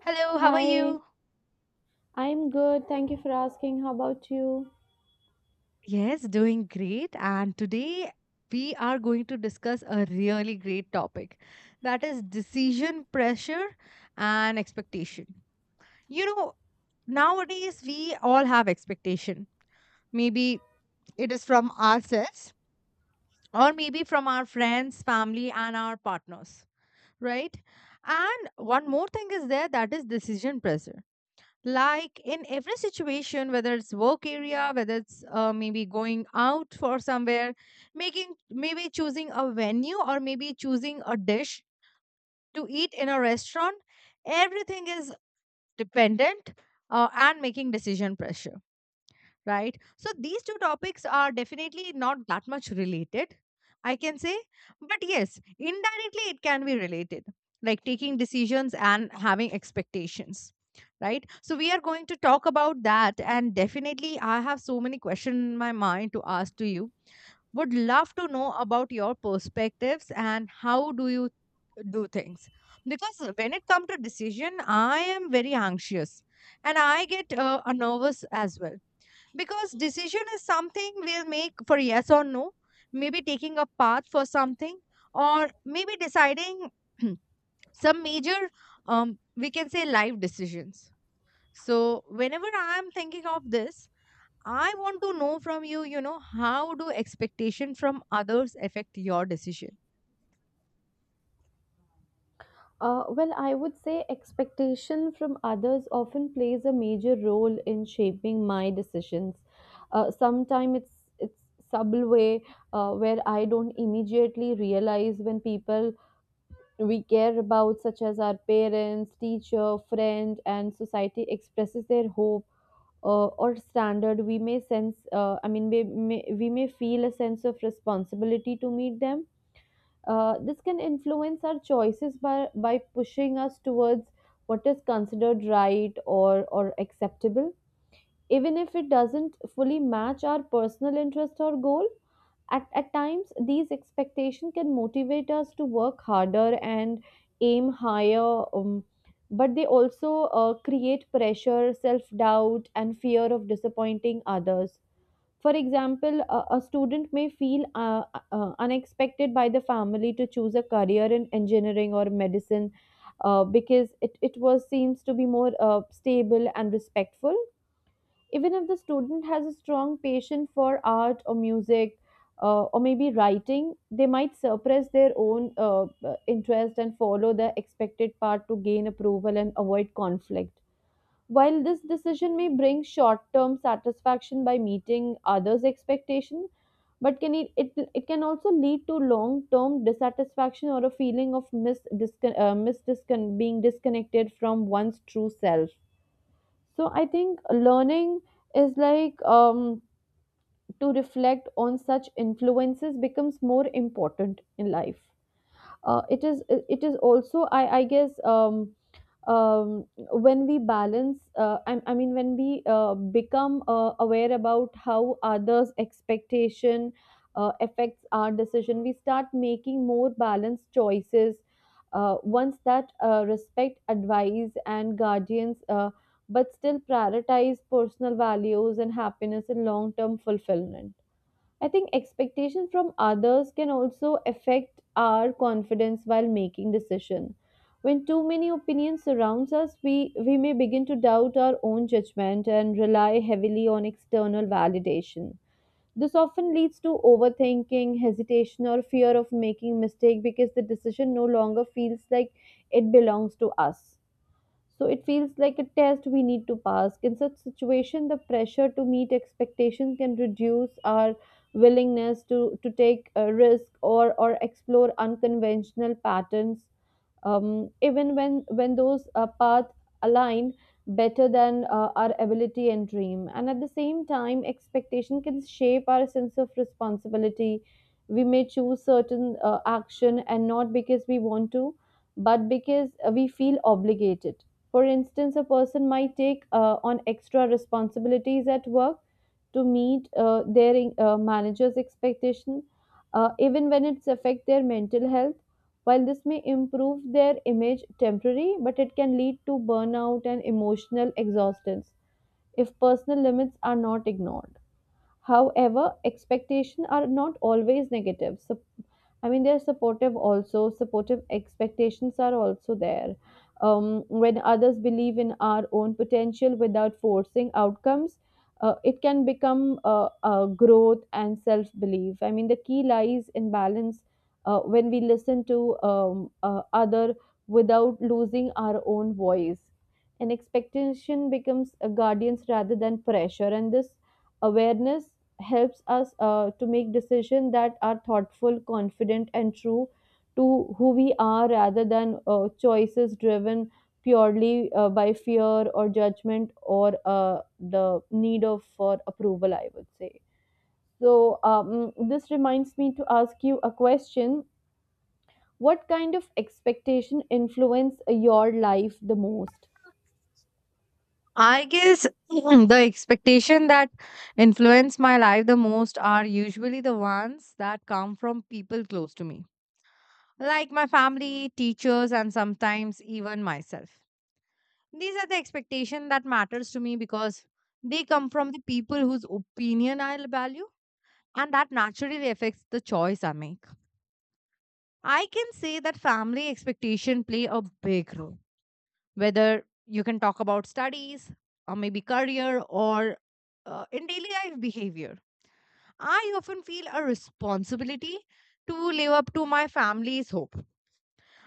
Hello, how are Hi, you? I'm good. Thank you for asking. How about you? Yes, doing great. And today we are going to discuss a really great topic that is decision pressure and expectation. You know, nowadays we all have expectation. Maybe it is from ourselves or maybe from our friends, family, and our partners, right? And one more thing is there that is decision pressure, like in every situation, whether it's work area, whether it's maybe going out for somewhere, making, maybe choosing a venue or maybe choosing a dish to eat in a restaurant. Everything is dependent and making decision pressure, right? So these two topics are definitely not that much related, I can say. But yes, indirectly it can be related, like taking decisions and having expectations, right? So we are going to talk about that. And definitely, I have so many questions in my mind to ask to you. Would love to know about your perspectives and how do you do things, because when it comes to decision, I am very anxious, and I get nervous as well, because decision is something we'll make for yes or no, maybe taking a path for something or maybe deciding some major we can say life decisions. So whenever I am thinking of this, I want to know from you you know how do expectation from others affect your decision? Well, I would say expectation from others often plays a major role in shaping my decisions. Sometimes it's subtle way where I don't immediately realize when people we care about, such as our parents, teacher, friend, and society, expresses their hope or standard. We may sense, we may feel a sense of responsibility to meet them. This can influence our choices by pushing us towards what is considered right or acceptable. Even if it doesn't fully match our personal interest or goal, at times these expectations can motivate us to work harder and aim higher, but they also create pressure, self doubt, and fear of disappointing others. For example, a student may feel unexpected by the family to choose a career in engineering or medicine because it was seems to be more stable and respectful. Even if the student has a strong passion for art or music or maybe writing, they might suppress their own interest and follow the expected path to gain approval and avoid conflict. While this decision may bring short term satisfaction by meeting others' expectation, but can it can also lead to long term dissatisfaction or a feeling of being disconnected from one's true self. So I think learning is like to reflect on such influences becomes more important in life. It is also I guess, um, when we balance I mean when we become aware about how others expectation affects our decision, we start making more balanced choices, ones that respect advice and guardians, but still prioritize personal values and happiness and long-term fulfillment. I think expectations from others can also affect our confidence while making decision. When too many opinions surrounds us, we may begin to doubt our own judgment and rely heavily on external validation. This often leads to overthinking, hesitation, or fear of making mistake because the decision no longer feels like it belongs to us. So it feels like a test we need to pass. In such situation, the pressure to meet expectations can reduce our willingness to take a risk or explore unconventional patterns, even when those paths align better than our ability and dream. And at the same time expectation can shape our sense of responsibility. We may choose certain action and not because we want to but because we feel obligated. For instance, a person might take on extra responsibilities at work to meet their manager's expectation, even when it's affect their mental health. While this may improve their image temporarily, but it can lead to burnout and emotional exhaustion if personal limits are not ignored. However, expectations are not always negative. So I mean, they're supportive also. Supportive expectations are also there. When others believe in our own potential without forcing outcomes, it can become growth and self belief. I mean, the key lies in balance, when we listen to other without losing our own voice. And expectation becomes a guardians rather than pressure. And this awareness helps us to make decisions that are thoughtful, confident, and true to who we are rather than choices driven purely by fear or judgment or the need of for approval, I would say. So, this reminds me to ask you a question. What kind of expectation influence your life the most? I guess the expectation that influence my life the most are usually the ones that come from people close to me, like my family, teachers, and sometimes even myself. These are the expectation that matters to me because they come from the people whose opinion I value, and that naturally affects the choice I make. I can say that family expectation play a big role, whether you can talk about studies or maybe career or in daily life behavior. I often feel a responsibility to live up to my family's hope.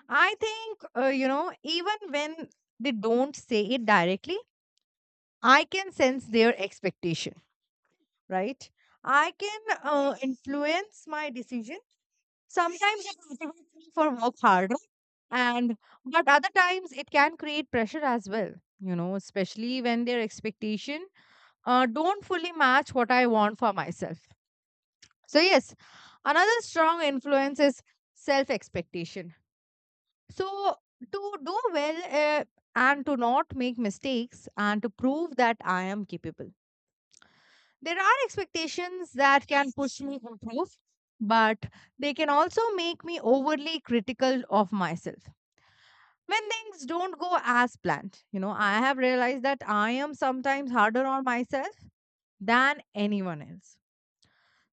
I think, even when they don't say it directly, I can sense their expectation, right? I can influence my decision. Sometimes it motivates me for work harder, and but other times it can create pressure as well, especially when their expectation don't fully match what I want for myself. So yes, another strong influence is self expectation. So, to do well and to not make mistakes, and to prove that I am capable, there are expectations that can push me to improve, but they can also make me overly critical of myself when things don't go as planned. I have realized that I am sometimes harder on myself than anyone else.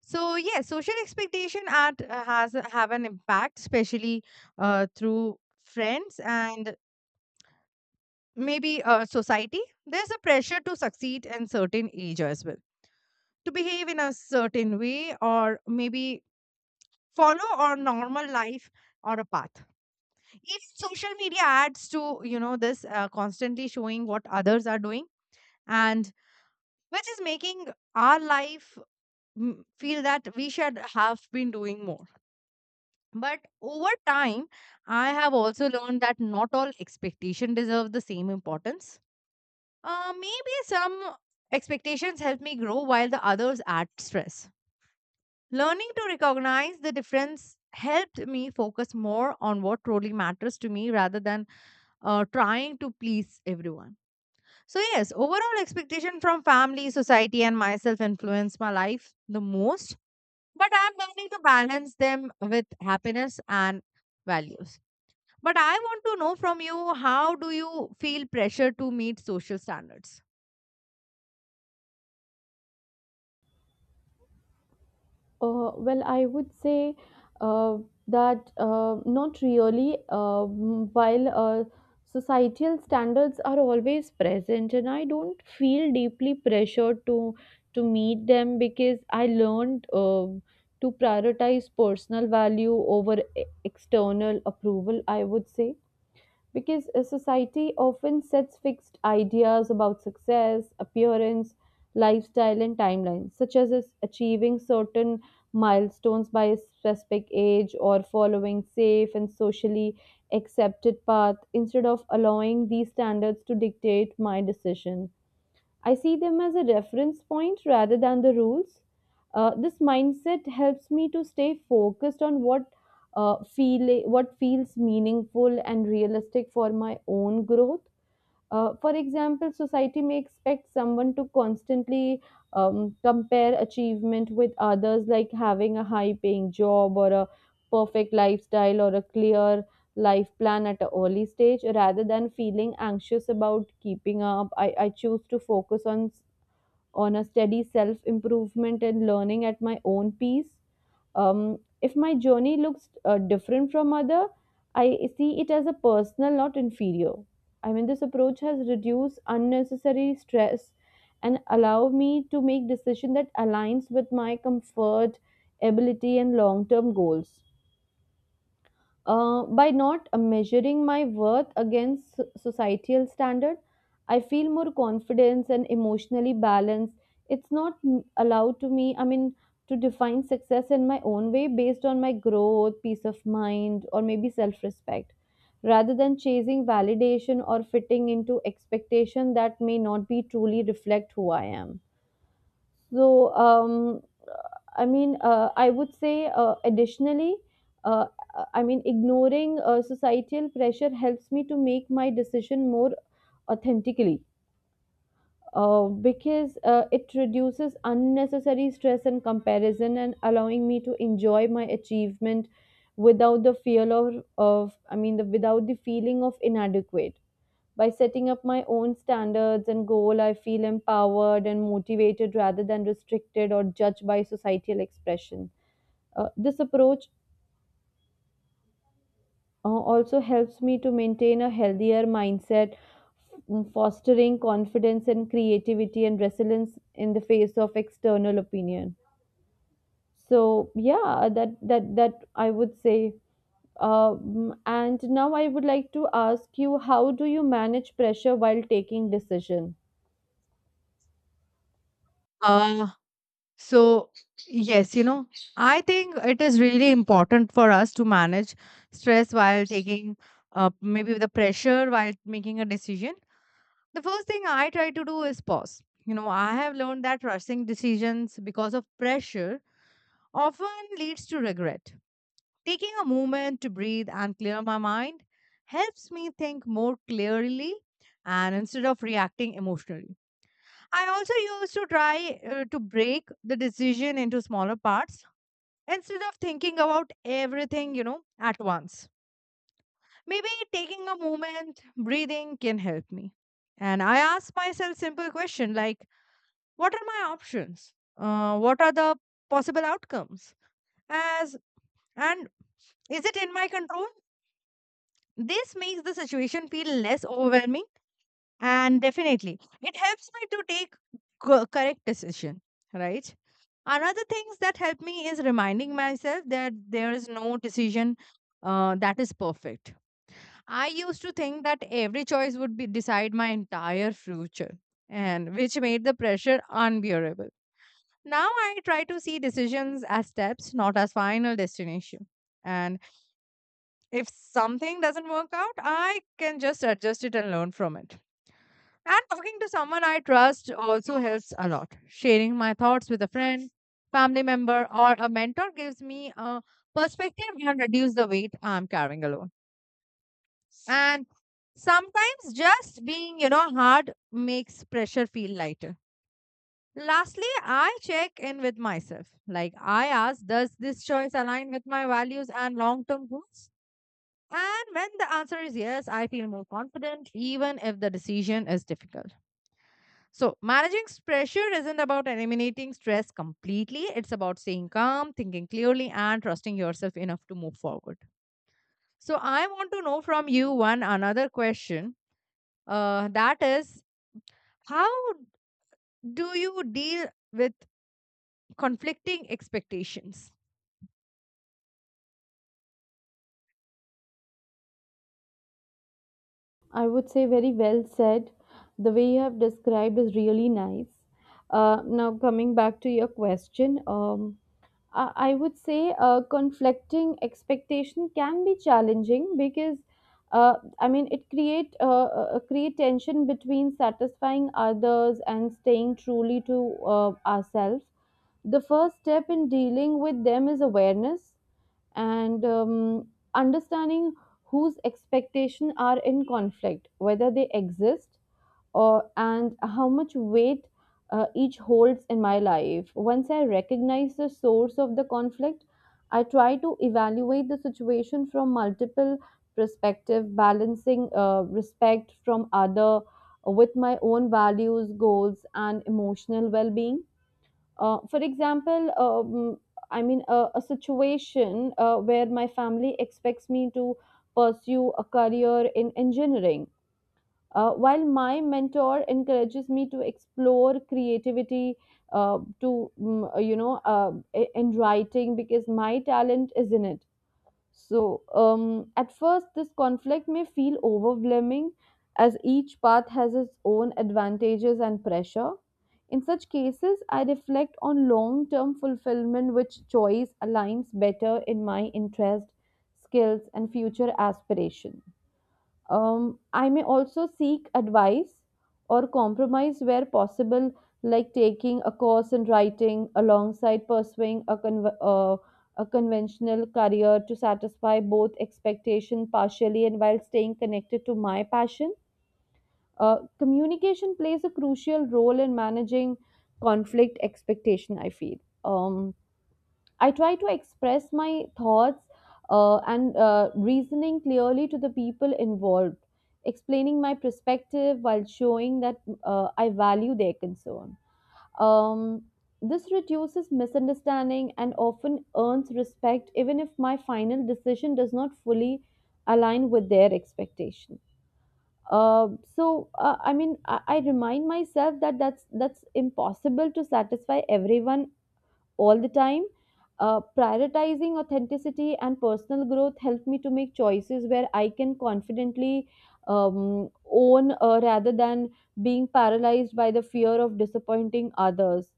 So yes, social expectation at has have an impact, especially through friends and maybe society. There's a pressure to succeed in certain age as well, to behave in a certain way, or maybe follow our normal life or a path. Even social media adds to this constantly showing what others are doing, and which is making our life feel that we should have been doing more. But over time, I have also learned that not all expectation deserve the same importance. Maybe some expectations help me grow while the others add stress. Learning to recognize the difference helped me focus more on what truly matters to me, rather than trying to please everyone. So, yes, overall expectation from family, society, and myself influence my life the most. But I'm learning to balance them with happiness and values. But I want to know from you, how do you feel pressure to meet social standards? Well, I would say uh, that, not really. While societal standards are always present, and I don't feel deeply pressured to meet them because I learned to prioritize personal value over external approval. I would say because a society often sets fixed ideas about success, appearance, lifestyle, and timelines, such as achieving certain milestones by a specific age or following safe and socially accepted path. Instead of allowing these standards to dictate my decision, I see them as a reference point rather than the rules. This mindset helps me to stay focused on what feels meaningful and realistic for my own growth. For example, society may expect someone to constantly compare achievement with others, like having a high paying job or a perfect lifestyle or a clear life plan at an early stage. Rather than feeling anxious about keeping up, I choose to focus on on a steady self improvement and learning at my own pace. If my journey looks different from other, I see it as a personal, not inferior. I mean, this approach has reduced unnecessary stress and allow me to make decision that aligns with my comfort, ability, and long-term goals. By not measuring my worth against societal standard, I feel more confidence and emotionally balanced. It's not allowed to me, I mean, to define success in my own way based on my growth, peace of mind, or maybe self respect, rather than chasing validation or fitting into expectation that may not be truly reflect who I am. So, I would say, additionally, uh, I mean, ignoring societal pressure helps me to make my decision more authentically, because it reduces unnecessary stress and comparison and allowing me to enjoy my achievement without the fear of without the feeling of inadequate. By setting up my own standards and goal, I feel empowered and motivated rather than restricted or judged by societal expression. This approach also helps me to maintain a healthier mindset, fostering confidence and creativity and resilience in the face of external opinion. So yeah, that I would say. And now I would like to ask you, how do you manage pressure while taking decision? Uh, so, yes, I think it is really important for us to manage stress while taking maybe the pressure while making a decision. The first thing I try to do is pause. I have learned that rushing decisions because of pressure often leads to regret. Taking a moment to breathe and clear my mind helps me think more clearly and instead of reacting emotionally. I also used to try to break the decision into smaller parts, instead of thinking about everything, at once. Maybe taking a moment, breathing can help me. And I ask myself simple question, like, what are my options, what are the possible outcomes, as, and is it in my control. This makes the situation feel less overwhelming, and definitely it helps me to take correct decision, right? Another things that help me is reminding myself that there is no decision that is perfect. I used to think that every choice would be decide my entire future, and which made the pressure unbearable. Now I try to see decisions as steps, not as final destination. And if something doesn't work out, I can just adjust it and learn from it. And talking to someone I trust also helps a lot. Sharing my thoughts with a friend, family member, or a mentor gives me a perspective and reduce the weight I'm carrying alone. And sometimes just being, hard makes pressure feel lighter. Lastly, I check in with myself. Like I ask, does this choice align with my values and long term goals? And when the answer is yes, I feel more confident, even if the decision is difficult. So, managing pressure isn't about eliminating stress completely. It's about staying calm, thinking clearly, and trusting yourself enough to move forward. So, I want to know from you one another question, that is, how do you deal with conflicting expectations? I would say very well said. The way you have described is really nice. Now, coming back to your question, I would say conflicting expectation can be challenging because, I mean, it create tension between satisfying others and staying truly to ourselves. The first step in dealing with them is awareness and, understanding whose expectations are in conflict, whether they exist, or and how much weight each holds in my life. Once I recognize the source of the conflict, I try to evaluate the situation from multiple perspective, balancing respect from other with my own values, goals, and emotional well-being. For example, I mean, a situation where my family expects me to pursue a career in engineering, while my mentor encourages me to explore creativity, to mm, you know, I- in writing because my talent is in it. So, at first, this conflict may feel overwhelming, as each path has its own advantages and pressure. In such cases, I reflect on long term fulfillment, which choice aligns better in my interest, skills, and future aspiration. I may also seek advice or compromise where possible, like taking a course in writing alongside pursuing a, a conventional career to satisfy both expectation partially and while staying connected to my passion. Communication plays a crucial role in managing conflict expectation I feel. um, I try to express my thoughts and reasoning clearly to the people involved, explaining my perspective while showing that I value their concern. um, this reduces misunderstanding and often earns respect even if my final decision does not fully align with their expectation. uh, I mean, I remind myself that that's impossible to satisfy everyone all the time. Prioritizing authenticity and personal growth helped me to make choices where I can confidently own, rather than being paralyzed by the fear of disappointing others.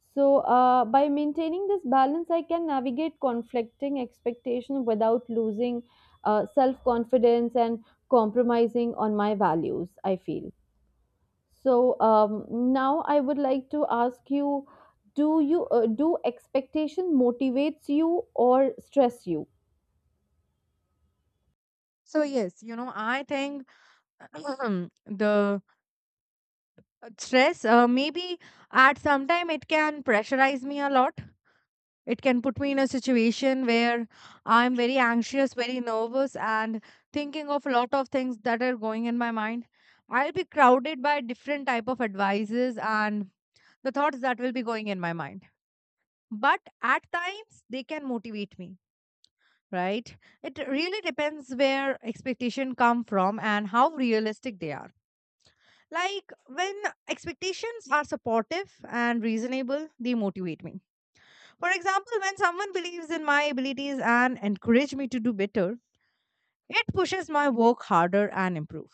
So, by maintaining this balance, I can navigate conflicting expectations without losing self confidence and compromising on my values, I feel. So now I would like to ask you do expectation motivates you or stress you? So yes, I think the stress, maybe at some time it can pressurize me a lot. It can put me in a situation where I'm very anxious, very nervous, and thinking of a lot of things that are going in my mind. I'll be crowded by different type of advices and the thoughts that will be going in my mind. But at times they can motivate me, right? It really depends where expectation come from and how realistic they are. Like when expectations are supportive and reasonable, they motivate me. For example, when someone believes in my abilities and encourages me to do better, it pushes my work harder and improve.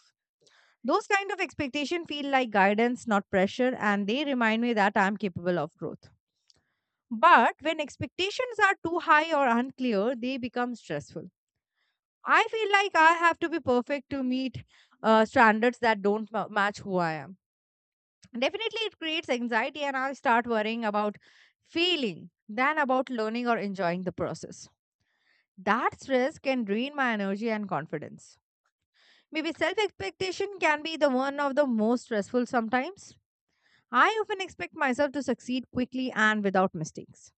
Those kind of expectation feel like guidance, not pressure, and they remind me that I'm capable of growth. But when expectations are too high or unclear, they become stressful. I feel like I have to be perfect to meet standards that don't match who I am. Definitely, it creates anxiety, and I start worrying about failing than about learning or enjoying the process. That stress can drain my energy and confidence. Maybe self expectation can be the one of the most stressful sometimes. I often expect myself to succeed quickly and without mistakes,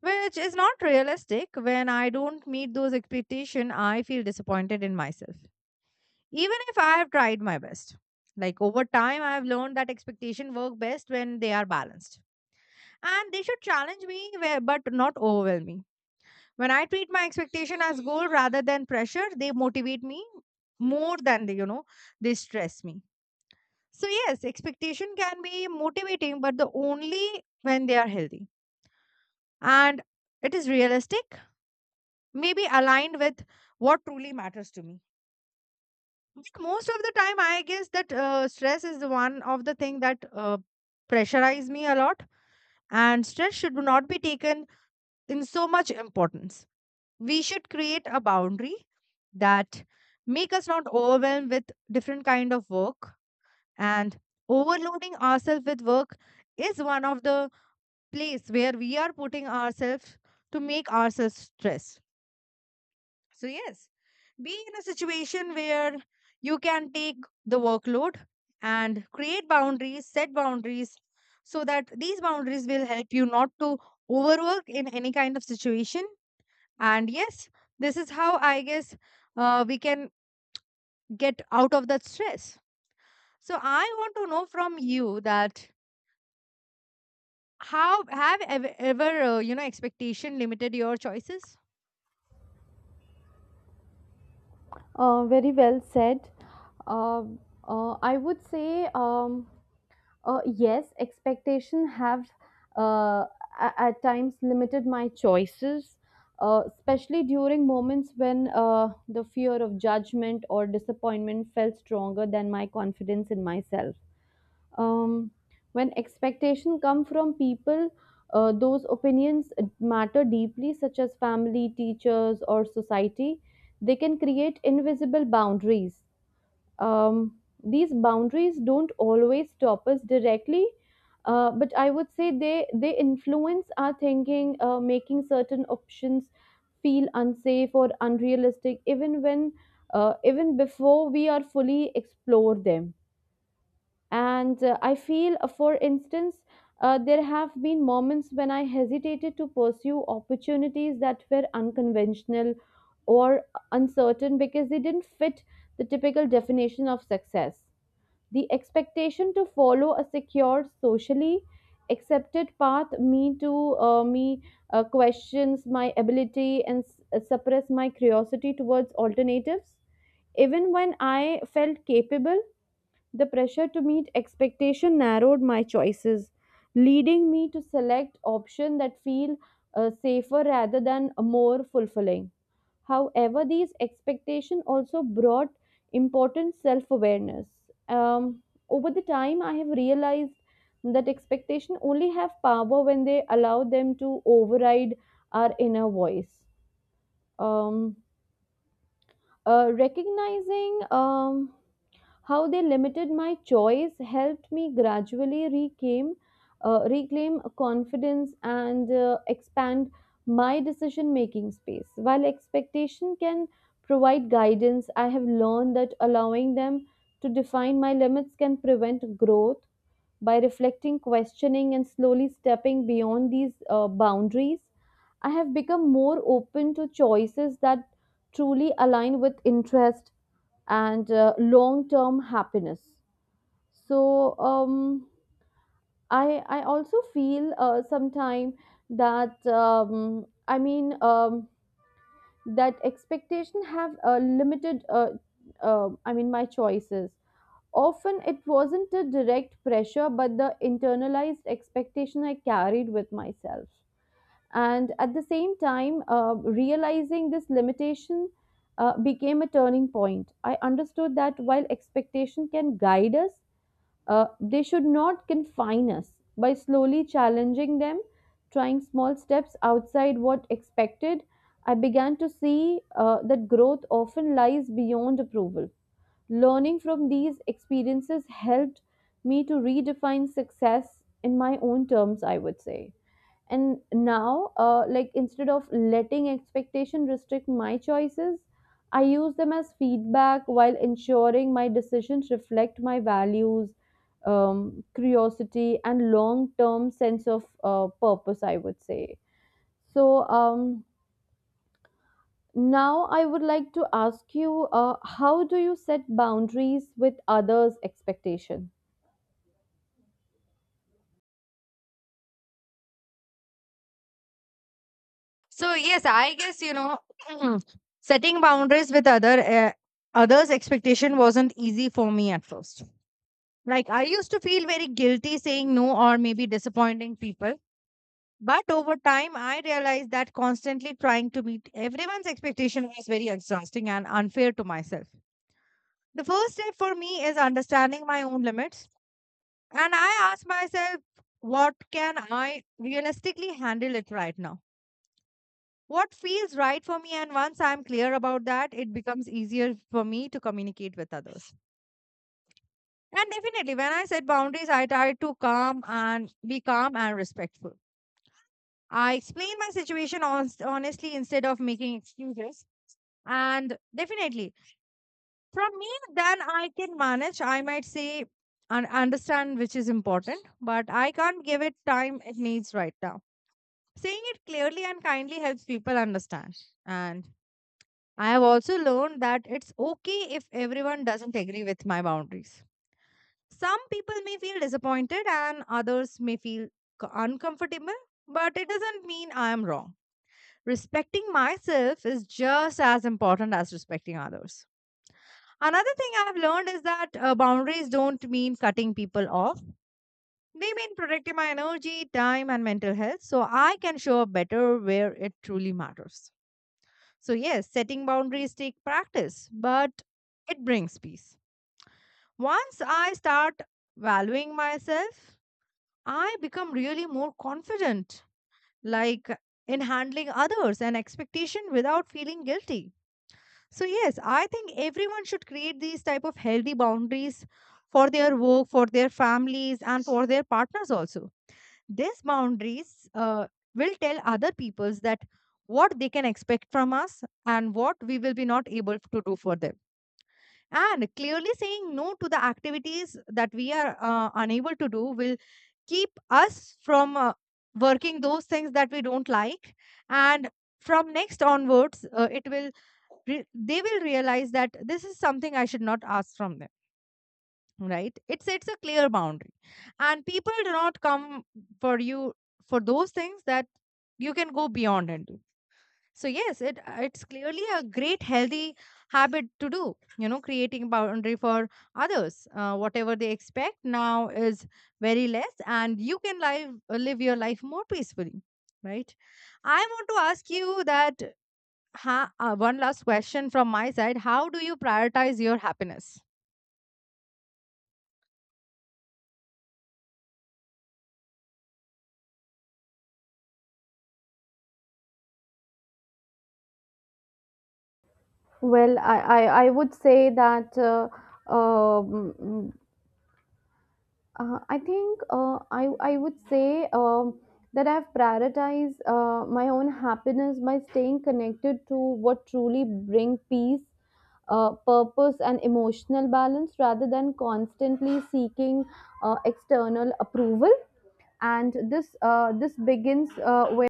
which is not realistic. When I don't meet those expectations, I feel disappointed in myself, even if I have tried my best. Like over time, I have learned that expectations work best when they are balanced, and they should challenge me, but not overwhelm me. When I treat my expectation as goal rather than pressure, they motivate me more than they, they stress me. So yes, expectation can be motivating, but the only when they are healthy. And it is realistic, maybe aligned with what truly matters to me. But most of the time, I guess that stress is the one of the thing that pressurize me a lot. And stress should not be taken in so much importance. We should create a boundary that make us not overwhelmed with different kind of work, and overloading ourselves with work is one of the place where we are putting ourselves to make ourselves stress. So yes, be in a situation where you can take the workload and create boundaries, set boundaries, so that these boundaries will help you not to overwork in any kind of situation. And yes, this is how I guess we can get out of that stress. So I want to know from you that, how have ever expectation limited your choices? Very well said. Uh, I would say, yes, expectation have, uh, at times limited my choices, especially during moments when the fear of judgment or disappointment felt stronger than my confidence in myself. um, when expectation come from people, those opinions matter deeply, such as family, teachers, or society. They can create invisible boundaries. um, these boundaries don't always stop us directly, but I would say they influence our thinking, making certain options feel unsafe or unrealistic, even when even before we are fully explore them. And I feel, for instance, there have been moments when I hesitated to pursue opportunities that were unconventional or uncertain because they didn't fit the typical definition of success. The expectation to follow a secure, socially accepted path, me questions my ability and suppress my curiosity towards alternatives, even when I felt capable. The pressure to meet expectation narrowed my choices, leading me to select options that feel safer rather than more fulfilling. However, these expectations also brought important self-awareness. Um, Over the time, I have realized that expectations only have power when they allow them to override our inner voice. Um, Recognizing how they limited my choice helped me gradually reclaim confidence and expand my decision making space. While expectation can provide guidance, I have learned that allowing them to define my limits can prevent growth. By reflecting, questioning, and slowly stepping beyond these boundaries, I have become more open to choices that truly align with interest and long term happiness. So I also feel, sometime, that, that expectation have limited, my choices. Often it wasn't a direct pressure but the internalized expectation I carried with myself. And at the same time, realizing this limitation became a turning point. I understood that while expectation can guide us, they should not confine us. By slowly challenging them, trying small steps outside what expected, I began to see that growth often lies beyond approval. Learning from these experiences helped me to redefine success in my own terms, I would say. And now, like, instead of letting expectation restrict my choices, I use them as feedback while ensuring my decisions reflect my values, curiosity, and long term sense of purpose, I would say. So now I would like to ask you, how do you set boundaries with others expectation? So yes, I guess setting boundaries with others expectation wasn't easy for me at first. Like I used to feel very guilty saying no or maybe disappointing people. But over time I realized that constantly trying to meet everyone's expectation was very exhausting and unfair to myself. The first step for me is understanding my own limits, and I ask myself, what can I realistically handle it right now? What feels right for me? And once I'm clear about that, it becomes easier for me to communicate with others. And definitely, when I set boundaries, I try to calm and be calm and respectful. I explain my situation honestly instead of making excuses. And definitely, from me, then I can manage. I might say and understand which is important, but I can't give it time it needs right now. Saying it clearly and kindly helps people understand. And I have also learned that it's okay if everyone doesn't agree with my boundaries. Some people may feel disappointed and others may feel uncomfortable, but it doesn't mean I am wrong. Respecting myself is just as important as respecting others. Another thing I've learned is that boundaries don't mean cutting people off. They mean protecting my energy, time, and mental health, so I can show up better where it truly matters. So, yes, setting boundaries take practice, but it brings peace. Once I start valuing myself, I become really more confident, like in handling others and expectation without feeling guilty. So, yes, I think everyone should create these type of healthy boundaries for their work, for their families, and for their partners also. These boundaries will tell other peoples that what they can expect from us and what we will be not able to do for them. And clearly saying no to the activities that we are unable to do will keep us from working those things that we don't like. And from next onwards, it will they will realize that this is something I should not ask from them, right? It sets a clear boundary. And people do not come for you for those things that you can go beyond and do. So yes, it's clearly a great healthy habit to do. Creating boundary for others. Whatever they expect now is very less, and you can live your life more peacefully, right? I want to ask you that, one last question from my side. How do you prioritize your happiness? Well, I would say that, um, mm, I think, I would say, that I've prioritized my own happiness by staying connected to what truly bring peace, purpose, and emotional balance rather than constantly seeking external approval. And this begins where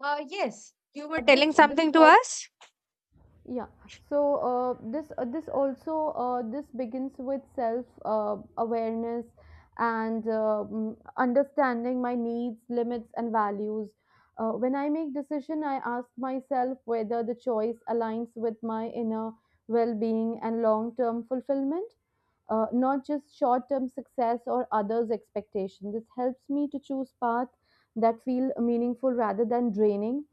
Yes, you were this telling this something to us? yeah, so this also, this begins with self awareness and understanding my needs, limits, and values. When I make decision, I ask myself whether the choice aligns with my inner well-being and long-term fulfillment, not just short-term success or others expectations. This helps me to choose path that feel meaningful rather than draining.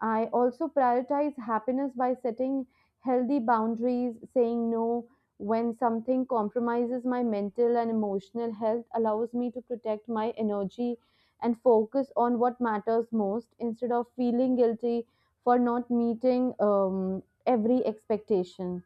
I also prioritize happiness by setting healthy boundaries. Saying no when something compromises my mental and emotional health allows me to protect my energy and focus on what matters most instead of feeling guilty for not meeting every expectation.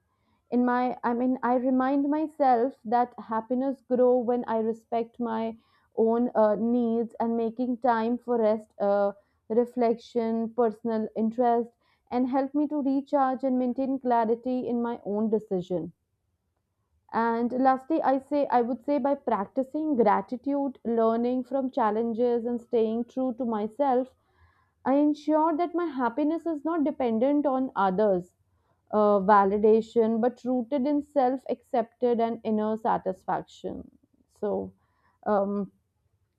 In my I mean I remind myself that happiness grow when I respect my own needs, and making time for rest, reflection, personal interest, and help me to recharge and maintain clarity in my own decision. And lastly, I would say, by practicing gratitude, learning from challenges, and staying true to myself, I ensure that my happiness is not dependent on others' validation, but rooted in self accepted and inner satisfaction. So, um,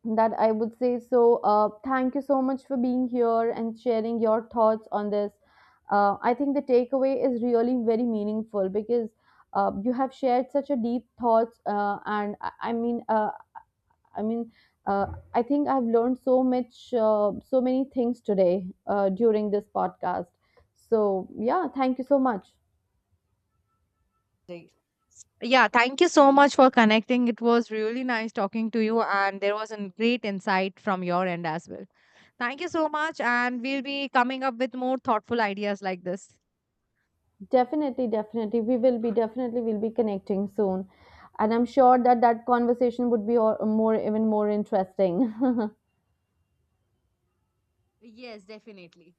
that I would say. So, thank you so much for being here and sharing your thoughts on this. I think the takeaway is really very meaningful, because you have shared such a deep thoughts, and I mean, I mean, uh, I think I've learned so much, so many things today, during this podcast. So yeah, thank you so much. Right. Yeah, thank you so much for connecting. It was really nice talking to you, and there was a great insight from your end as well. Thank you so much, and we'll be coming up with more thoughtful ideas like this. Definitely, definitely, we will be connecting soon, and I'm sure that conversation would be more, even more interesting. Yes, definitely.